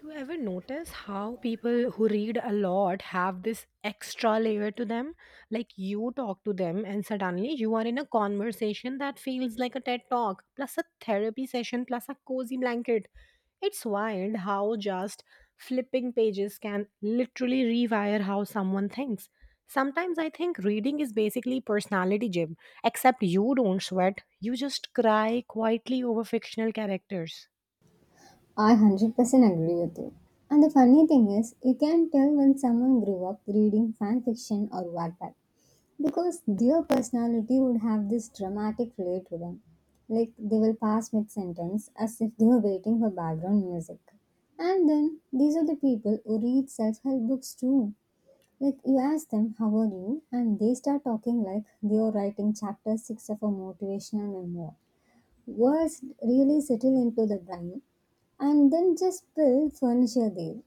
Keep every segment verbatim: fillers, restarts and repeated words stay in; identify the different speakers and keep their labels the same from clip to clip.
Speaker 1: You ever notice how people who read a lot have this extra layer to them? Like you talk to them, and suddenly you are in a conversation that feels like a TED talk, plus a therapy session, plus a cozy blanket. It's wild how just flipping pages can literally rewire how someone thinks. Sometimes I think reading is basically personality gym, except you don't sweat, you just cry quietly over fictional characters.
Speaker 2: I one hundred percent agree with you. And the funny thing is, you can tell when someone grew up reading fan fiction or Wattpad because their personality would have this dramatic flair to them. Like they will pass mid sentence as if they were waiting for background music. And then these are the people who read self help books too. Like you ask them, How are you? And they start talking like they are writing chapter six of a motivational memoir. Words really settle into the brain and then just build furniture there.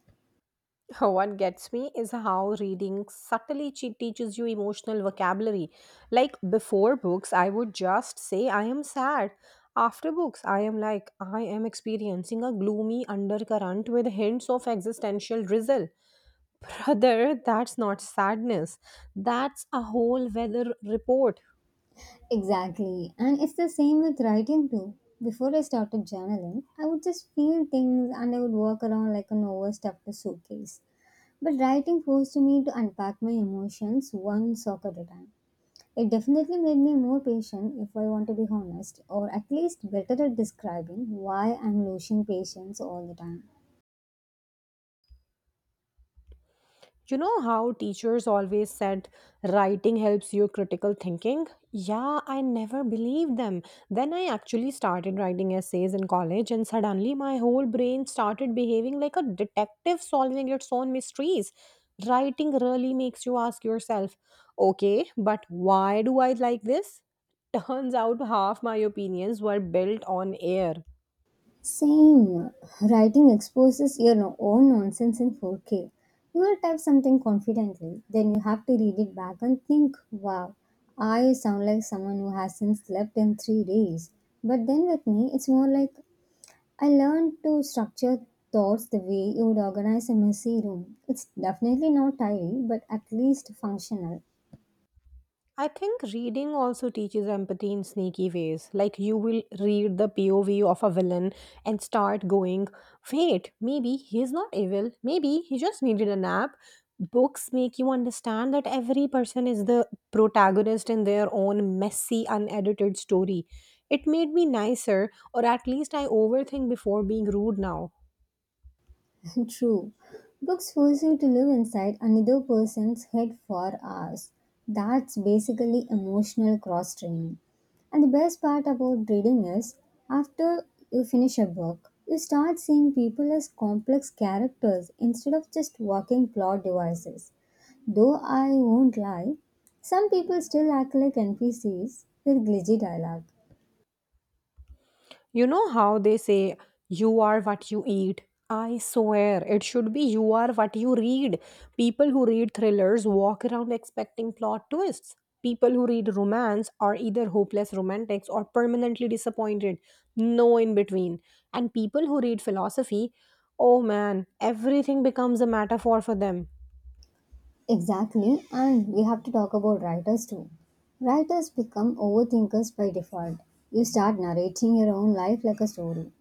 Speaker 1: What gets me is how reading subtly che- teaches you emotional vocabulary. Like before books, I would just say, I am sad. After books, I am like, I am experiencing a gloomy undercurrent with hints of existential drizzle. Brother, that's not sadness. That's a whole weather report.
Speaker 2: Exactly. And it's the same with writing too. Before I started journaling, I would just feel things and I would walk around like an overstuffed suitcase. But writing forced me to unpack my emotions one sock at a time. It definitely made me more patient, if I want to be honest, or at least better at describing why I'm losing patience all the time.
Speaker 1: You know how teachers always said writing helps your critical thinking? Yeah, I never believed them. Then I actually started writing essays in college, and suddenly my whole brain started behaving like a detective solving its own mysteries. Writing really makes you ask yourself, okay, but why do I like this? Turns out half my opinions were built on air.
Speaker 2: Same. Writing exposes your no- own nonsense in four K. You will type something confidently, then you have to read it back and think, wow, I sound like someone who hasn't slept in three days. But then with me, it's more like I learned to structure thoughts the way you would organize a messy room. It's definitely not tidy, but at least functional.
Speaker 1: I think reading also teaches empathy in sneaky ways. Like you will read the P O V of a villain and start going, wait, maybe he's not evil. Maybe he just needed a nap. Books make you understand that every person is the protagonist in their own messy, unedited story. It made me nicer, or at least I overthink before being rude now.
Speaker 2: True. Books force you to live inside another person's head for hours. That's basically emotional cross training. And the best part about reading is, after you finish a book, you start seeing people as complex characters instead of just walking plot devices. Though I won't lie, some people still act like N P Cs with glitchy dialogue.
Speaker 1: You know how they say, you are what you eat? I swear, it should be you are what you read. People who read thrillers walk around expecting plot twists. People who read romance are either hopeless romantics or permanently disappointed. No in between. And people who read philosophy, oh man, everything becomes a metaphor for them.
Speaker 2: Exactly, and we have to talk about writers too. Writers become overthinkers by default. You start narrating your own life like a story.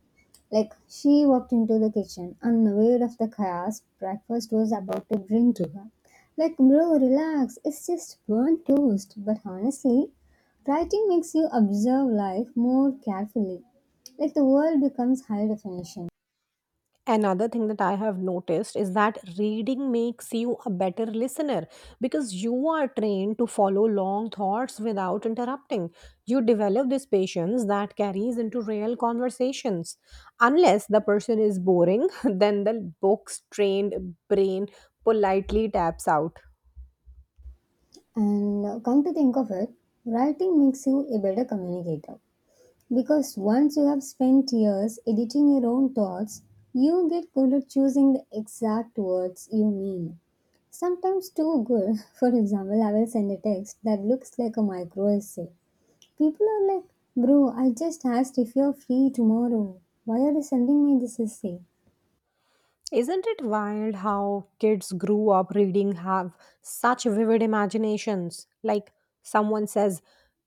Speaker 2: Like, she walked into the kitchen, unaware of the chaos breakfast was about to bring to her. Like, bro, relax, it's just burnt toast. But honestly, writing makes you observe life more carefully. Like, the world becomes high definition.
Speaker 1: Another thing that I have noticed is that reading makes you a better listener because you are trained to follow long thoughts without interrupting. You develop this patience that carries into real conversations. Unless the person is boring, then the book's trained brain politely taps out.
Speaker 2: And uh, come to think of it, writing makes you a better communicator. Because once you have spent years editing your own thoughts, you get good at choosing the exact words you mean. Sometimes too good. For example, I will send a text that looks like a micro essay. People are like, Bro, I just asked if you're free tomorrow. Why are you sending me this essay?
Speaker 1: Isn't it wild how kids grew up reading have such vivid imaginations? Like someone says,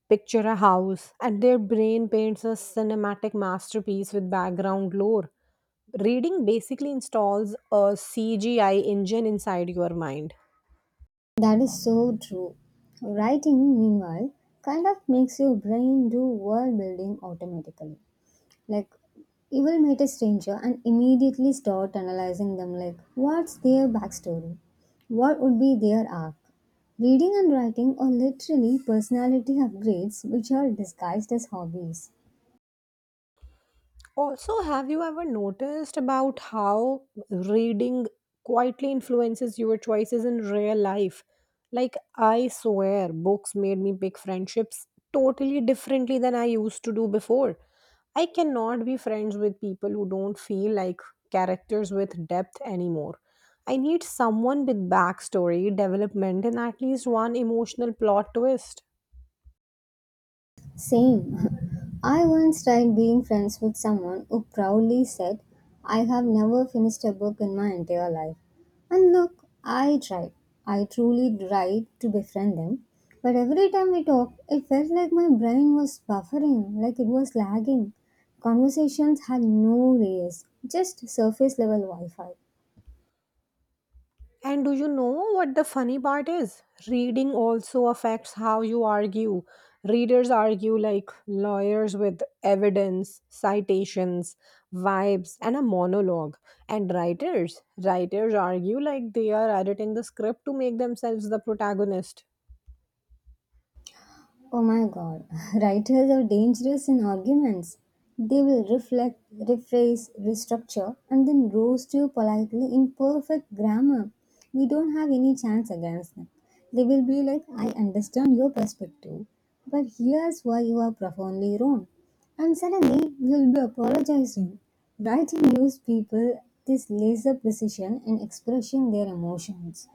Speaker 1: picture a house, and their brain paints a cinematic masterpiece with background lore. Reading basically installs a C G I engine inside your mind.
Speaker 2: That is so true. Writing, meanwhile, kind of makes your brain do world building automatically. Like, you will meet a stranger and immediately start analyzing them like, what's their backstory? What would be their arc? Reading and writing are literally personality upgrades which are disguised as hobbies.
Speaker 1: Also, have you ever noticed about how reading quietly influences your choices in real life? Like, I swear, books made me pick friendships totally differently than I used to do before. I cannot be friends with people who don't feel like characters with depth anymore. I need someone with backstory, development, and at least one emotional plot twist.
Speaker 2: Same. I once tried being friends with someone who proudly said, I have never finished a book in my entire life. And look, I tried. I truly tried to befriend them. But every time we talked, it felt like my brain was buffering, like it was lagging. Conversations had no layers, just surface level Wi Fi.
Speaker 1: And do you know what the funny part is? Reading also affects how you argue. Readers argue like lawyers with evidence, citations, vibes, and a monologue. And writers, writers argue like they are editing the script to make themselves the protagonist.
Speaker 2: Oh my god, writers are dangerous in arguments. They will reflect, rephrase, restructure, and then roast you politely in perfect grammar. We don't have any chance against them. They will be like, I understand your perspective, but here's why you are profoundly wrong. And suddenly, you'll be apologizing. Writing gives people this laser precision in expressing their emotions.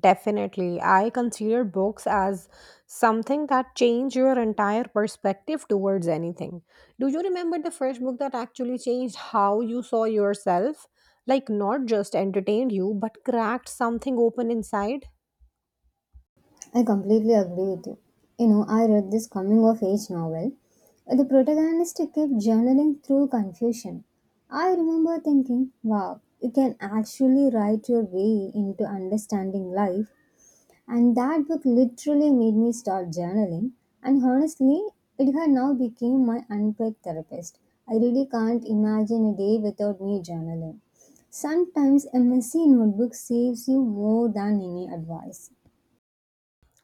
Speaker 1: Definitely. I consider books as something that change your entire perspective towards anything. Do you remember the first book that actually changed how you saw yourself? Like, not just entertained you, but cracked something open inside?
Speaker 2: I completely agree with you. You know, I read this coming of age novel. The protagonist kept journaling through confusion. I remember thinking, wow, you can actually write your way into understanding life. And that book literally made me start journaling. And honestly, it had now become my unpaid therapist. I really can't imagine a day without me journaling. Sometimes a messy notebook saves you more than any advice.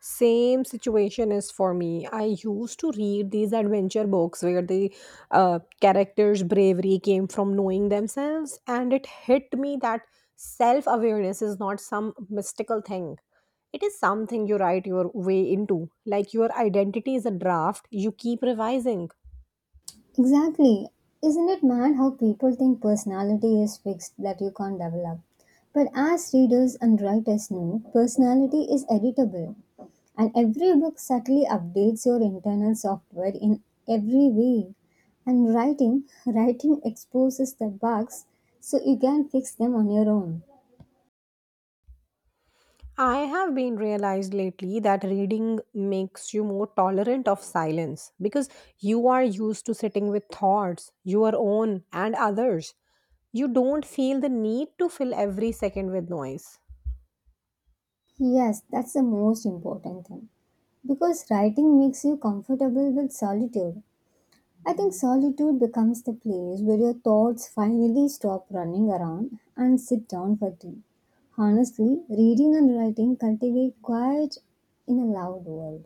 Speaker 1: Same situation is for me. I used to read these adventure books where the uh, characters' bravery came from knowing themselves, and it hit me that self awareness is not some mystical thing. It is something you write your way into. Like your identity is a draft you keep revising.
Speaker 2: Exactly. Isn't it mad how people think personality is fixed that you can't develop? But as readers and writers know, personality is editable. And every book subtly updates your internal software in every way. And writing, writing exposes the bugs so you can fix them on your own.
Speaker 1: I have been realized lately that reading makes you more tolerant of silence because you are used to sitting with thoughts, your own and others, you don't feel the need to fill every second with noise.
Speaker 2: Yes, that's the most important thing. Because writing makes you comfortable with solitude. I think solitude becomes the place where your thoughts finally stop running around and sit down for tea. Honestly, reading and writing cultivate quiet in a loud world.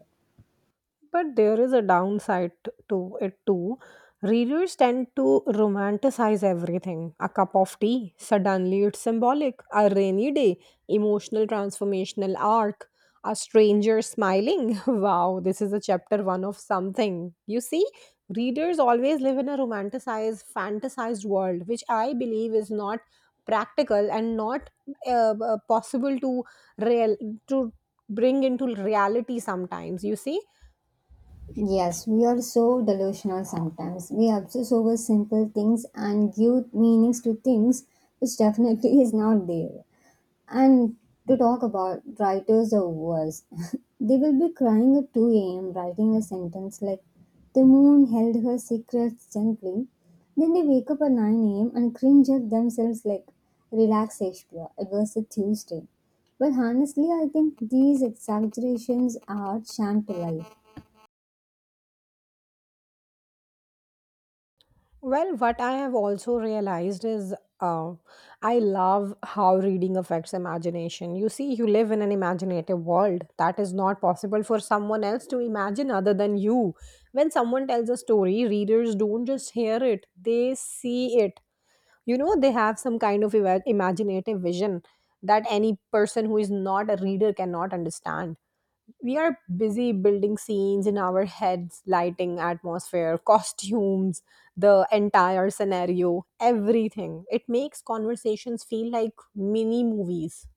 Speaker 1: But there is a downside t- to it too. Readers tend to romanticize everything. A cup of tea, suddenly it's symbolic. A rainy day, emotional transformational arc. A stranger smiling. Wow, this is a chapter one of something. You see, readers always live in a romanticized, fantasized world, which I believe is not practical and not uh, uh, possible to real to bring into reality sometimes, you see.
Speaker 2: Yes, we are so delusional sometimes. We obsess over simple things and give meanings to things which definitely is not there. And to talk about writers or worse, they will be crying at two a m writing a sentence like, The moon held her secrets gently. Then they wake up at nine a m and cringe at themselves like, Relax, Shakespeare, it was a Tuesday. But honestly, I think these exaggerations are sham to life.
Speaker 1: Well, what I have also realized is, uh, I love how reading affects imagination. You see, you live in an imaginative world that is not possible for someone else to imagine other than you. When someone tells a story, readers don't just hear it, they see it. You know, they have some kind of ima- imaginative vision that any person who is not a reader cannot understand. We are busy building scenes in our heads, lighting, atmosphere, costumes, the entire scenario, everything. It makes conversations feel like mini movies.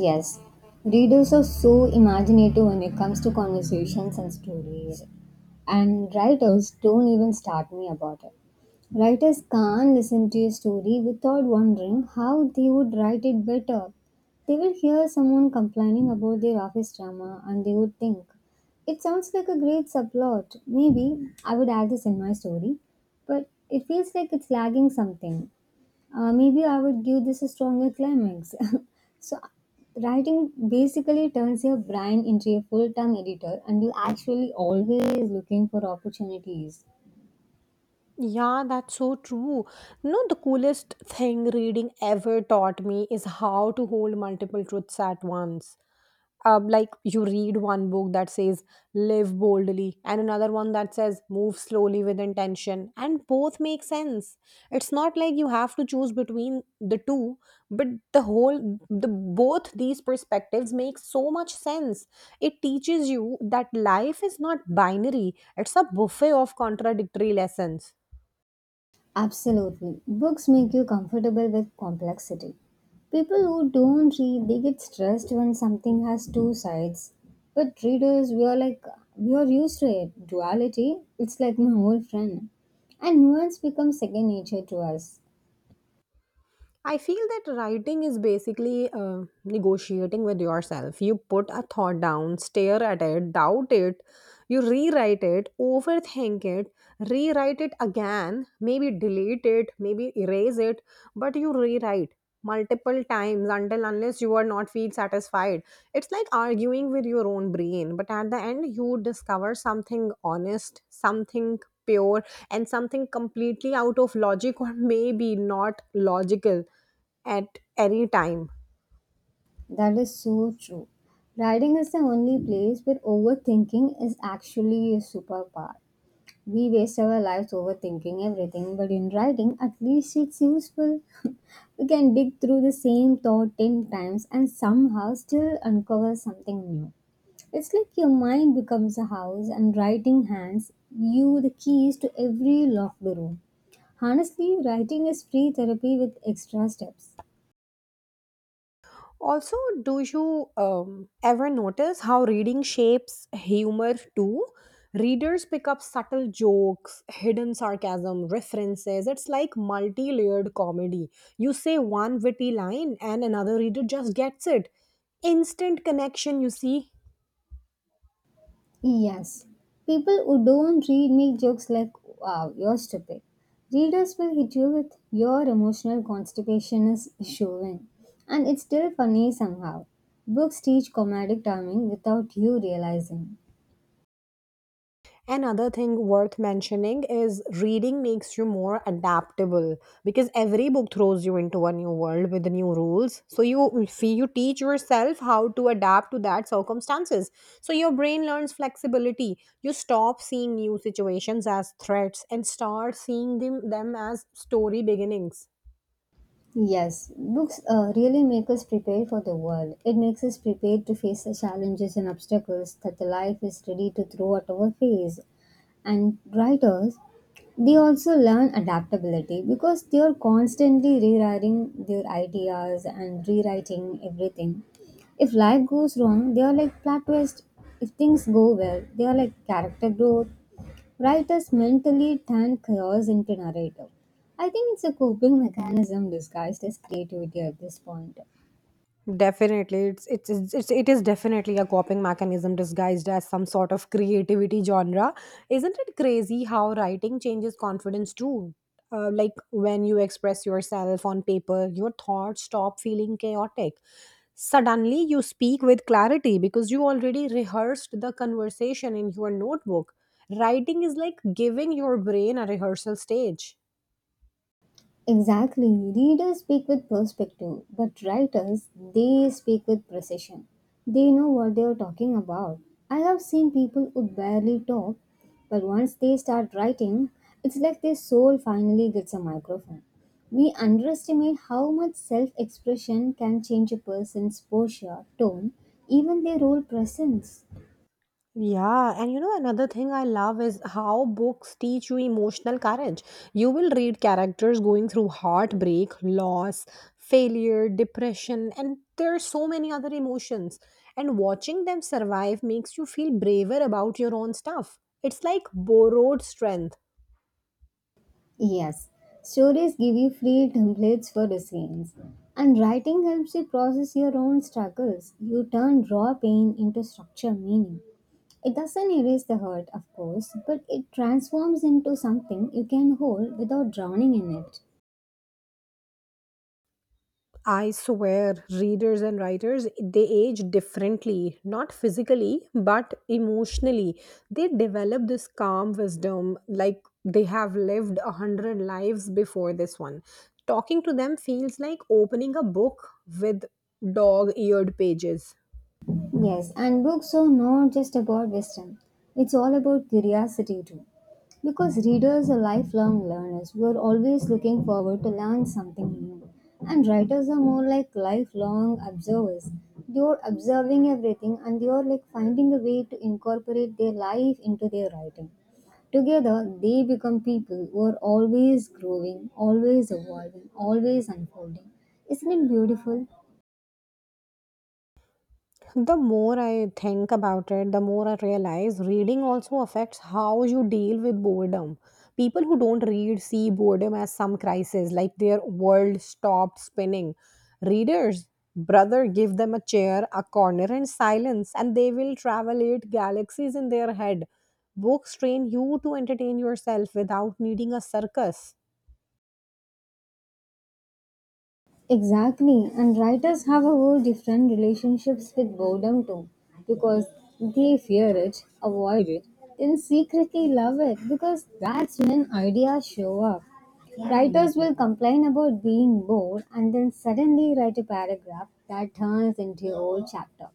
Speaker 2: Yes, readers are so imaginative when it comes to conversations and stories, and writers don't even start me about it. Writers can't listen to a story without wondering how they would write it better. They will hear someone complaining about their office drama and they would think, it sounds like a great subplot. Maybe I would add this in my story, but it feels like it's lagging something. Uh, maybe I would give this a stronger climax. So, writing basically turns your brain into a full time editor, and you actually always looking for opportunities.
Speaker 1: Yeah, that's so true. No, the coolest thing reading ever taught me is how to hold multiple truths at once. Um, like you read one book that says live boldly and another one that says move slowly with intention, and both make sense. It's not like you have to choose between the two, but the whole the both these perspectives make so much sense. It teaches you that life is not binary, it's a buffet of contradictory lessons.
Speaker 2: Absolutely. Books make you comfortable with complexity. People who don't read, they get stressed when something has two sides. But readers, we are like, we are used to it. Duality, it's like my whole friend. And nuance becomes second nature to us.
Speaker 1: I feel that writing is basically uh, negotiating with yourself. You put a thought down, stare at it, doubt it, you rewrite it, overthink it, rewrite it again, maybe delete it, maybe erase it, but you rewrite multiple times until unless you are not feel satisfied. It's like arguing with your own brain, but at the end you discover something honest, something pure, and something completely out of logic, or maybe not logical at any time.
Speaker 2: That is so true. Riding is the only place where overthinking is actually a superpower. We waste our lives overthinking everything, but in riding, at least it's useful. We can dig through the same thought ten times and somehow still uncover something new. It's like your mind becomes a house and writing hands you the keys to every locked room. Honestly, writing is free therapy with extra steps.
Speaker 1: Also, do you um, ever notice how reading shapes humor too? Readers pick up subtle jokes, hidden sarcasm, references. It's like multi layered comedy. You say one witty line, and another reader just gets it. Instant connection, you see.
Speaker 2: Yes, people who don't read make jokes like, wow, you're stupid. Readers will hit you with, your emotional constipation is showing. And it's still funny somehow. Books teach comedic timing without you realizing.
Speaker 1: Another thing worth mentioning is reading makes you more adaptable because every book throws you into a new world with new rules. So you, if you teach yourself how to adapt to that circumstances. So your brain learns flexibility. You stop seeing new situations as threats and start seeing them, them as story beginnings.
Speaker 2: Yes, books uh, really make us prepare for the world. It makes us prepared to face the challenges and obstacles that the life is ready to throw at our face. And writers, they also learn adaptability because they are constantly rewriting their ideas and rewriting everything. If life goes wrong they are like plot twist, if things go well they are like character growth. Writers mentally turn chaos into narrative. I think it's a coping mechanism disguised as creativity at this point.
Speaker 1: Definitely, it's it's it's it's it is definitely a coping mechanism disguised as some sort of creativity genre. Isn't it crazy how writing changes confidence too? Uh, like when you express yourself on paper, your thoughts stop feeling chaotic. Suddenly, you speak with clarity because you already rehearsed the conversation in your notebook. Writing is like giving your brain a rehearsal stage.
Speaker 2: Exactly. Readers speak with perspective, but writers, they speak with precision. They know what they are talking about. I have seen people who barely talk, but once they start writing, it's like their soul finally gets a microphone. We underestimate how much self expression can change a person's posture, tone, even their whole presence.
Speaker 1: Yeah, and you know, another thing I love is how books teach you emotional courage. You will read characters going through heartbreak, loss, failure, depression, and there are so many other emotions. And watching them survive makes you feel braver about your own stuff. It's like borrowed strength.
Speaker 2: Yes, stories give you free templates for resilience. And writing helps you process your own struggles. You turn raw pain into structured meaning. It doesn't erase the hurt, of course, but it transforms into something you can hold without drowning in it.
Speaker 1: I swear, readers and writers, they age differently, not physically, but emotionally. They develop this calm wisdom like they have lived a hundred lives before this one. Talking to them feels like opening a book with dog eared pages.
Speaker 2: Yes, and books are not just about wisdom, it's all about curiosity too. Because readers are lifelong learners who are always looking forward to learn something new. And writers are more like lifelong observers. They are observing everything and they are like finding a way to incorporate their life into their writing. Together, they become people who are always growing, always evolving, always unfolding. Isn't it beautiful?
Speaker 1: The more I think about it, the more I realize reading also affects how you deal with boredom. People who don't read see boredom as some crisis, like their world stopped spinning. Readers, brother, give them a chair, a corner, and silence, and they will travel eight galaxies in their head. Books train you to entertain yourself without needing a circus.
Speaker 2: Exactly, and writers have a whole different relationships with boredom too, because they fear it, avoid it, then secretly love it because that's when ideas show up. Writers will complain about being bored and then suddenly write a paragraph that turns into a whole chapter.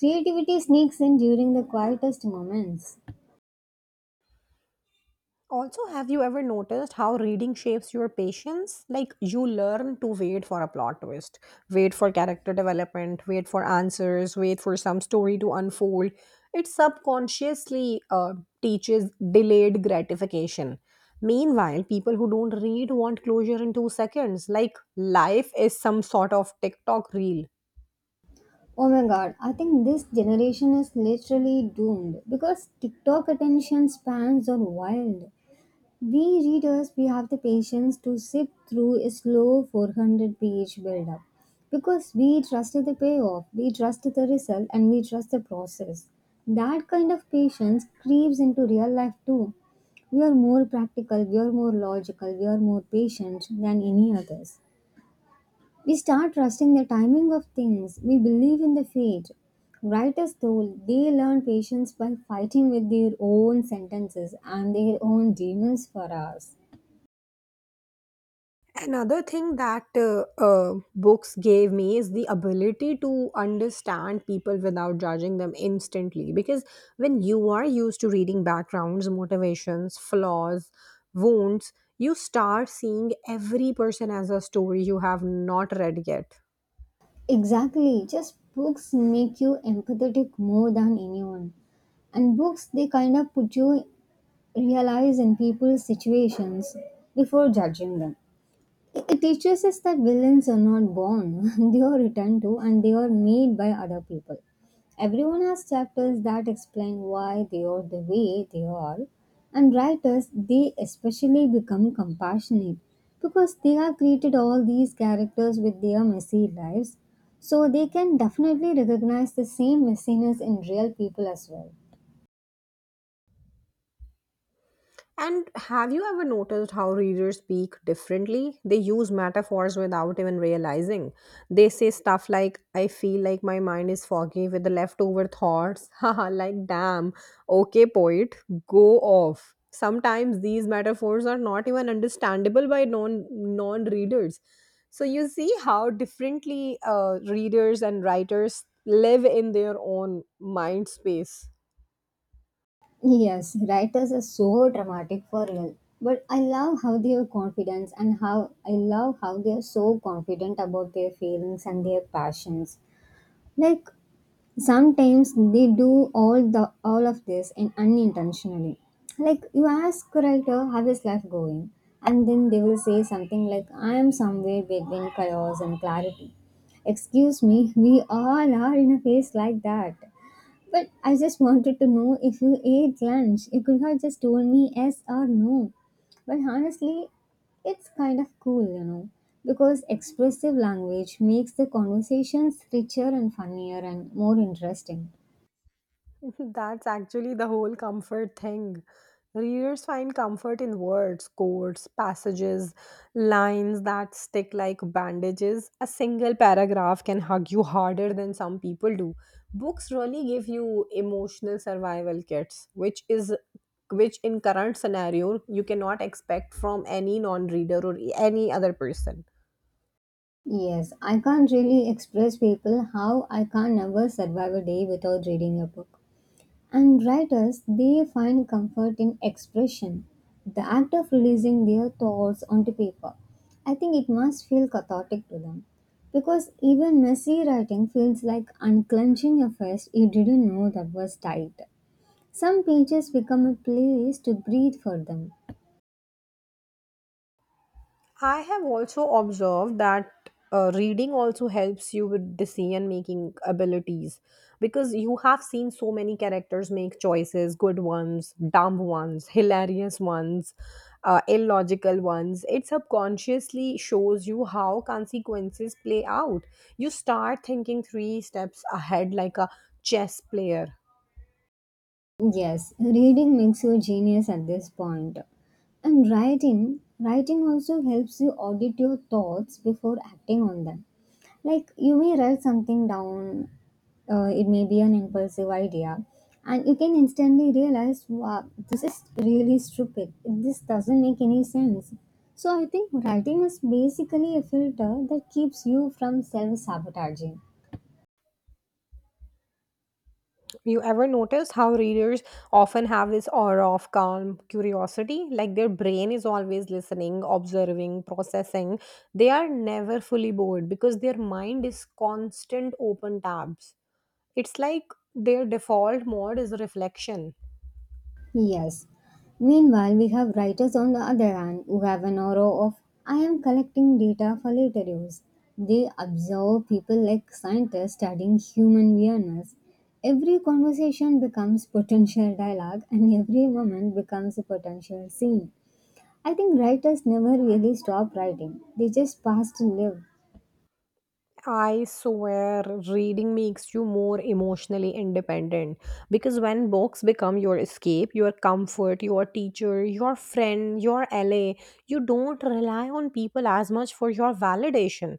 Speaker 2: Creativity sneaks in during the quietest moments.
Speaker 1: Also, have you ever noticed how reading shapes your patience? Like, you learn to wait for a plot twist, wait for character development, wait for answers, wait for some story to unfold. It subconsciously uh, teaches delayed gratification. Meanwhile, people who don't read want closure in two seconds. Like, life is some sort of TikTok reel.
Speaker 2: Oh my god, I think this generation is literally doomed because TikTok attention spans are wild. We readers, we have the patience to sit through a slow four hundred page build-up because we trust the payoff, we trust the result, and we trust the process. That kind of patience creeps into real life too. We are more practical, we are more logical, we are more patient than any others. We start trusting the timing of things, we believe in the fate. Writers, told they learn patience by fighting with their own sentences and their own demons for hours.
Speaker 1: Another thing that uh, uh, books gave me is the ability to understand people without judging them instantly. Because when you are used to reading backgrounds, motivations, flaws, wounds, you start seeing every person as a story you have not read yet.
Speaker 2: Exactly. Just books make you empathetic more than anyone. And books, they kind of put you realize in people's situations before judging them. It teaches us that villains are not born, they are returned to and they are made by other people. Everyone has chapters that explain why they are the way they are, and writers they especially become compassionate because they have created all these characters with their messy lives, so they can definitely recognize the same messiness in real people as well.
Speaker 1: And have you ever noticed how readers speak differently? They use metaphors without even realizing. They say stuff like, I feel like my mind is foggy with the leftover thoughts. Haha, like, damn. Okay, poet, go off. Sometimes these metaphors are not even understandable by non non readers. So you see how differently uh, readers and writers live in their own mind space.
Speaker 2: Yes, writers are so dramatic for real. But I love how they are confident and how I love how they are so confident about their feelings and their passions. Like sometimes they do all the all of this in unintentionally. Like you ask a writer how is life going, and then they will say something like, I am somewhere between chaos and clarity. Excuse me, we all are in a phase like that. But I just wanted to know if you ate lunch. You could have just told me yes or no. But honestly, it's kind of cool, you know, because expressive language makes the conversations richer and funnier and more interesting.
Speaker 1: That's actually the whole comfort thing. Readers find comfort in words, quotes, passages, lines that stick like bandages. A single paragraph can hug you harder than some people do. Books really give you emotional survival kits, which is which in current scenario you cannot expect from any non-reader or any other person.
Speaker 2: Yes, I can't really express people how I can never survive a day without reading a book. And writers, they find comfort in expression, the act of releasing their thoughts onto paper. I think it must feel cathartic to them. Because even messy writing feels like unclenching a fist you didn't know that was tight. Some pages become a place to breathe for them.
Speaker 1: I have also observed that uh, reading also helps you with decision making abilities because you have seen so many characters make choices, good ones, dumb ones, hilarious ones, uh, illogical ones. It subconsciously shows you how consequences play out. You start thinking three steps ahead like a chess player.
Speaker 2: Yes, reading makes you genius at this point. And writing, writing also helps you audit your thoughts before acting on them. Like you may write something down, uh, it may be an impulsive idea, and you can instantly realize, wow, this is really stupid. This doesn't make any sense. So I think writing is basically a filter that keeps you from self sabotaging.
Speaker 1: You ever notice how readers often have this aura of calm curiosity? Like their brain is always listening, observing, processing. They are never fully bored because their mind is constant open tabs. It's like their default mode is reflection.
Speaker 2: Yes. Meanwhile, we have writers on the other hand who have an aura of, I am collecting data for later use. They observe people like scientists studying human weirdness. Every conversation becomes potential dialogue and every moment becomes a potential scene. I think writers never really stop writing. They just pass to live.
Speaker 1: I swear reading makes you more emotionally independent because when books become your escape, your comfort, your teacher, your friend, your L A, you don't rely on people as much for your validation.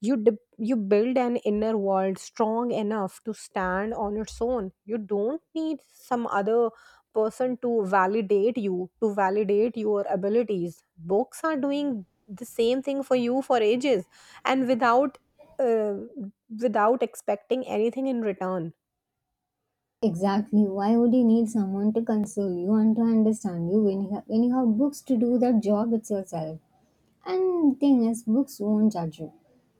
Speaker 1: You de- you build an inner world strong enough to stand on its own. You don't need some other person to validate you, to validate your abilities. Books are doing the same thing for you for ages and without uh, without expecting anything in return.
Speaker 2: Exactly. Why would you need someone to console you and to understand you when you have, when you have books to do that job itself? And thing is, books won't judge you.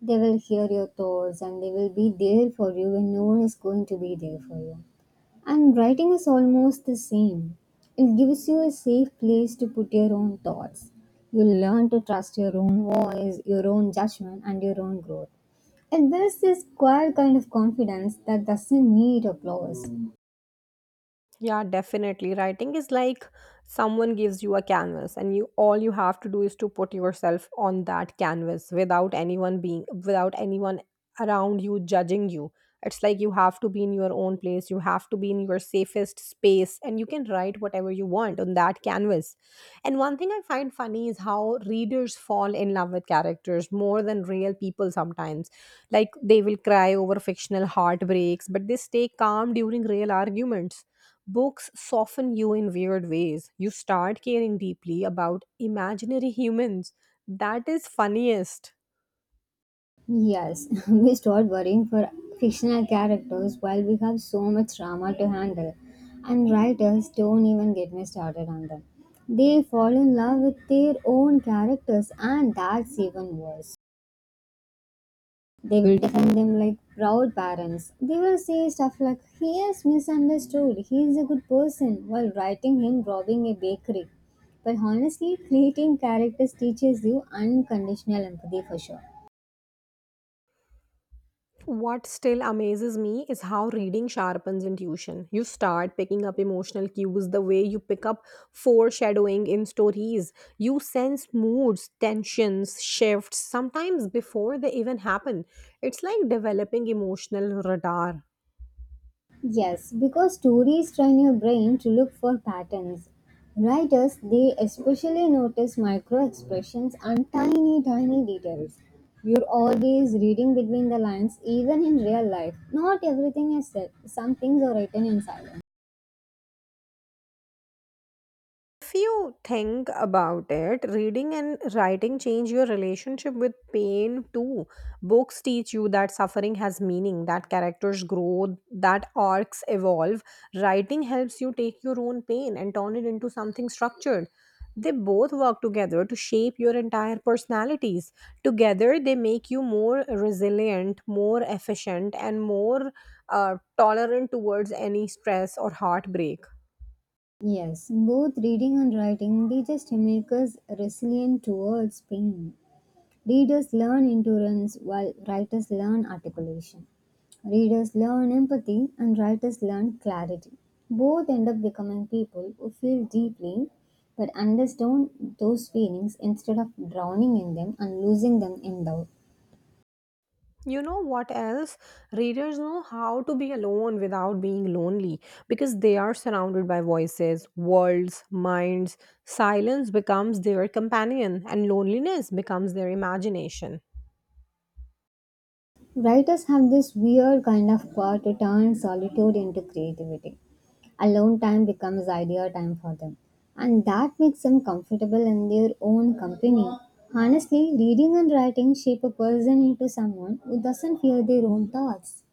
Speaker 2: They will hear your thoughts and they will be there for you when no one is going to be there for you. And writing is almost the same. It gives you a safe place to put your own thoughts. You learn to trust your own voice, your own judgment, and your own growth. It builds this quiet kind of confidence that doesn't need applause.
Speaker 1: Yeah, definitely. Writing is like someone gives you a canvas and you all you have to do is to put yourself on that canvas without anyone being without anyone around you judging you. It's like you have to be in your own place, you have to be in your safest space and you can write whatever you want on that canvas. And one thing I find funny is how readers fall in love with characters more than real people sometimes. Like they will cry over fictional heartbreaks, but they stay calm during real arguments. Books soften you in weird ways. You start caring deeply about imaginary humans. That is funniest.
Speaker 2: Yes, we start worrying for fictional characters while we have so much drama to handle. And writers, don't even get me started on them. They fall in love with their own characters, and that's even worse. They will defend them like proud parents. They will say stuff like, he is misunderstood, he is a good person, while writing him robbing a bakery. But honestly, creating characters teaches you unconditional empathy for sure.
Speaker 1: What still amazes me is how reading sharpens intuition. You start picking up emotional cues the way you pick up foreshadowing in stories. You sense moods, tensions, shifts, sometimes before they even happen. It's like developing emotional radar.
Speaker 2: Yes, because stories train your brain to look for patterns. Writers, they especially notice micro expressions and tiny, tiny details. You're always reading between the lines, even in real life. Not everything is said, some things are written in silence.
Speaker 1: If you think about it, reading and writing change your relationship with pain too. Books teach you that suffering has meaning, that characters grow, that arcs evolve. Writing helps you take your own pain and turn it into something structured. They both work together to shape your entire personalities. Together, they make you more resilient, more efficient, and more uh, tolerant towards any stress or heartbreak.
Speaker 2: Yes, both reading and writing, they just make us resilient towards pain. Readers learn endurance while writers learn articulation. Readers learn empathy and writers learn clarity. Both end up becoming people who feel deeply but understand those feelings instead of drowning in them and losing them in doubt.
Speaker 1: You know what else? Readers know how to be alone without being lonely because they are surrounded by voices, worlds, minds. Silence becomes their companion, and loneliness becomes their imagination.
Speaker 2: Writers have this weird kind of power to turn solitude into creativity. Alone time becomes idea time for them, and that makes them comfortable in their own company. Honestly, reading and writing shape a person into someone who doesn't fear their own thoughts.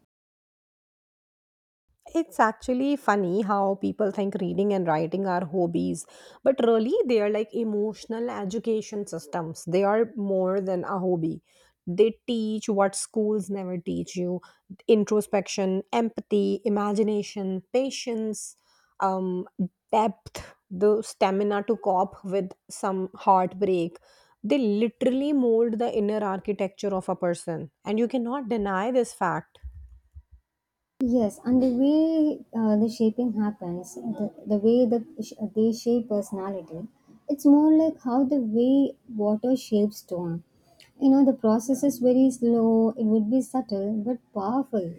Speaker 1: It's actually funny how people think reading and writing are hobbies, but really they are like emotional education systems. They are more than a hobby. They teach what schools never teach you: introspection, empathy, imagination, patience, um, depth, the stamina to cope with some heartbreak. They literally mold the inner architecture of a person, and you cannot deny this fact.
Speaker 2: Yes, and the way uh, the shaping happens, the, the way that sh- they shape personality, it's more like how the way water shapes stone. You know, the process is very slow, it would be subtle but powerful.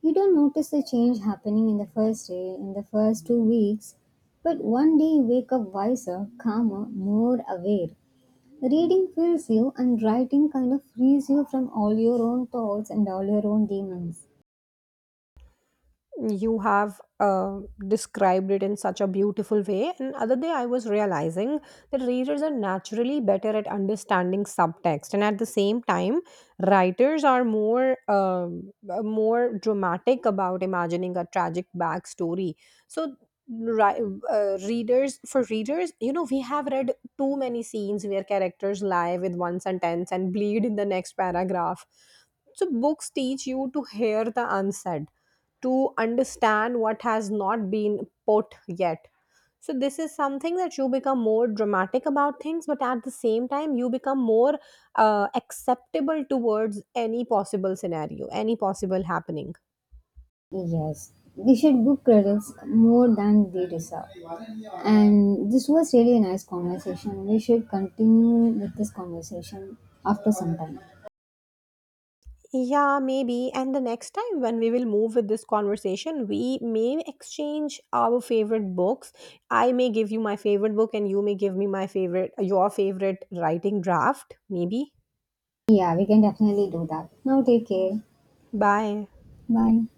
Speaker 2: You don't notice the change happening in the first day, in the first two weeks, but one day you wake up wiser, calmer, more aware. Reading fills you, and writing kind of frees you from all your own thoughts and all your own demons.
Speaker 1: You have uh, described it in such a beautiful way, and other day I was realizing that readers are naturally better at understanding subtext, and at the same time writers are more um, uh, more dramatic about imagining a tragic backstory. So ri- uh, readers, for readers, you know, we have read too many scenes where characters lie with one sentence and bleed in the next paragraph. So books teach you to hear the unsaid, to understand what has not been put yet. So, this is something that you become more dramatic about things, but at the same time, you become more uh, acceptable towards any possible scenario, any possible happening.
Speaker 2: Yes, they should book credits more than they deserve. And this was really a nice conversation. We should continue with this conversation after some time.
Speaker 1: Yeah, maybe. And the next time when we will move with this conversation, we may exchange our favorite books. I may give you my favorite book, and you may give me my favorite, your favorite writing draft, maybe.
Speaker 2: Yeah, we can definitely do that. Now, take care.
Speaker 1: Bye.
Speaker 2: Bye.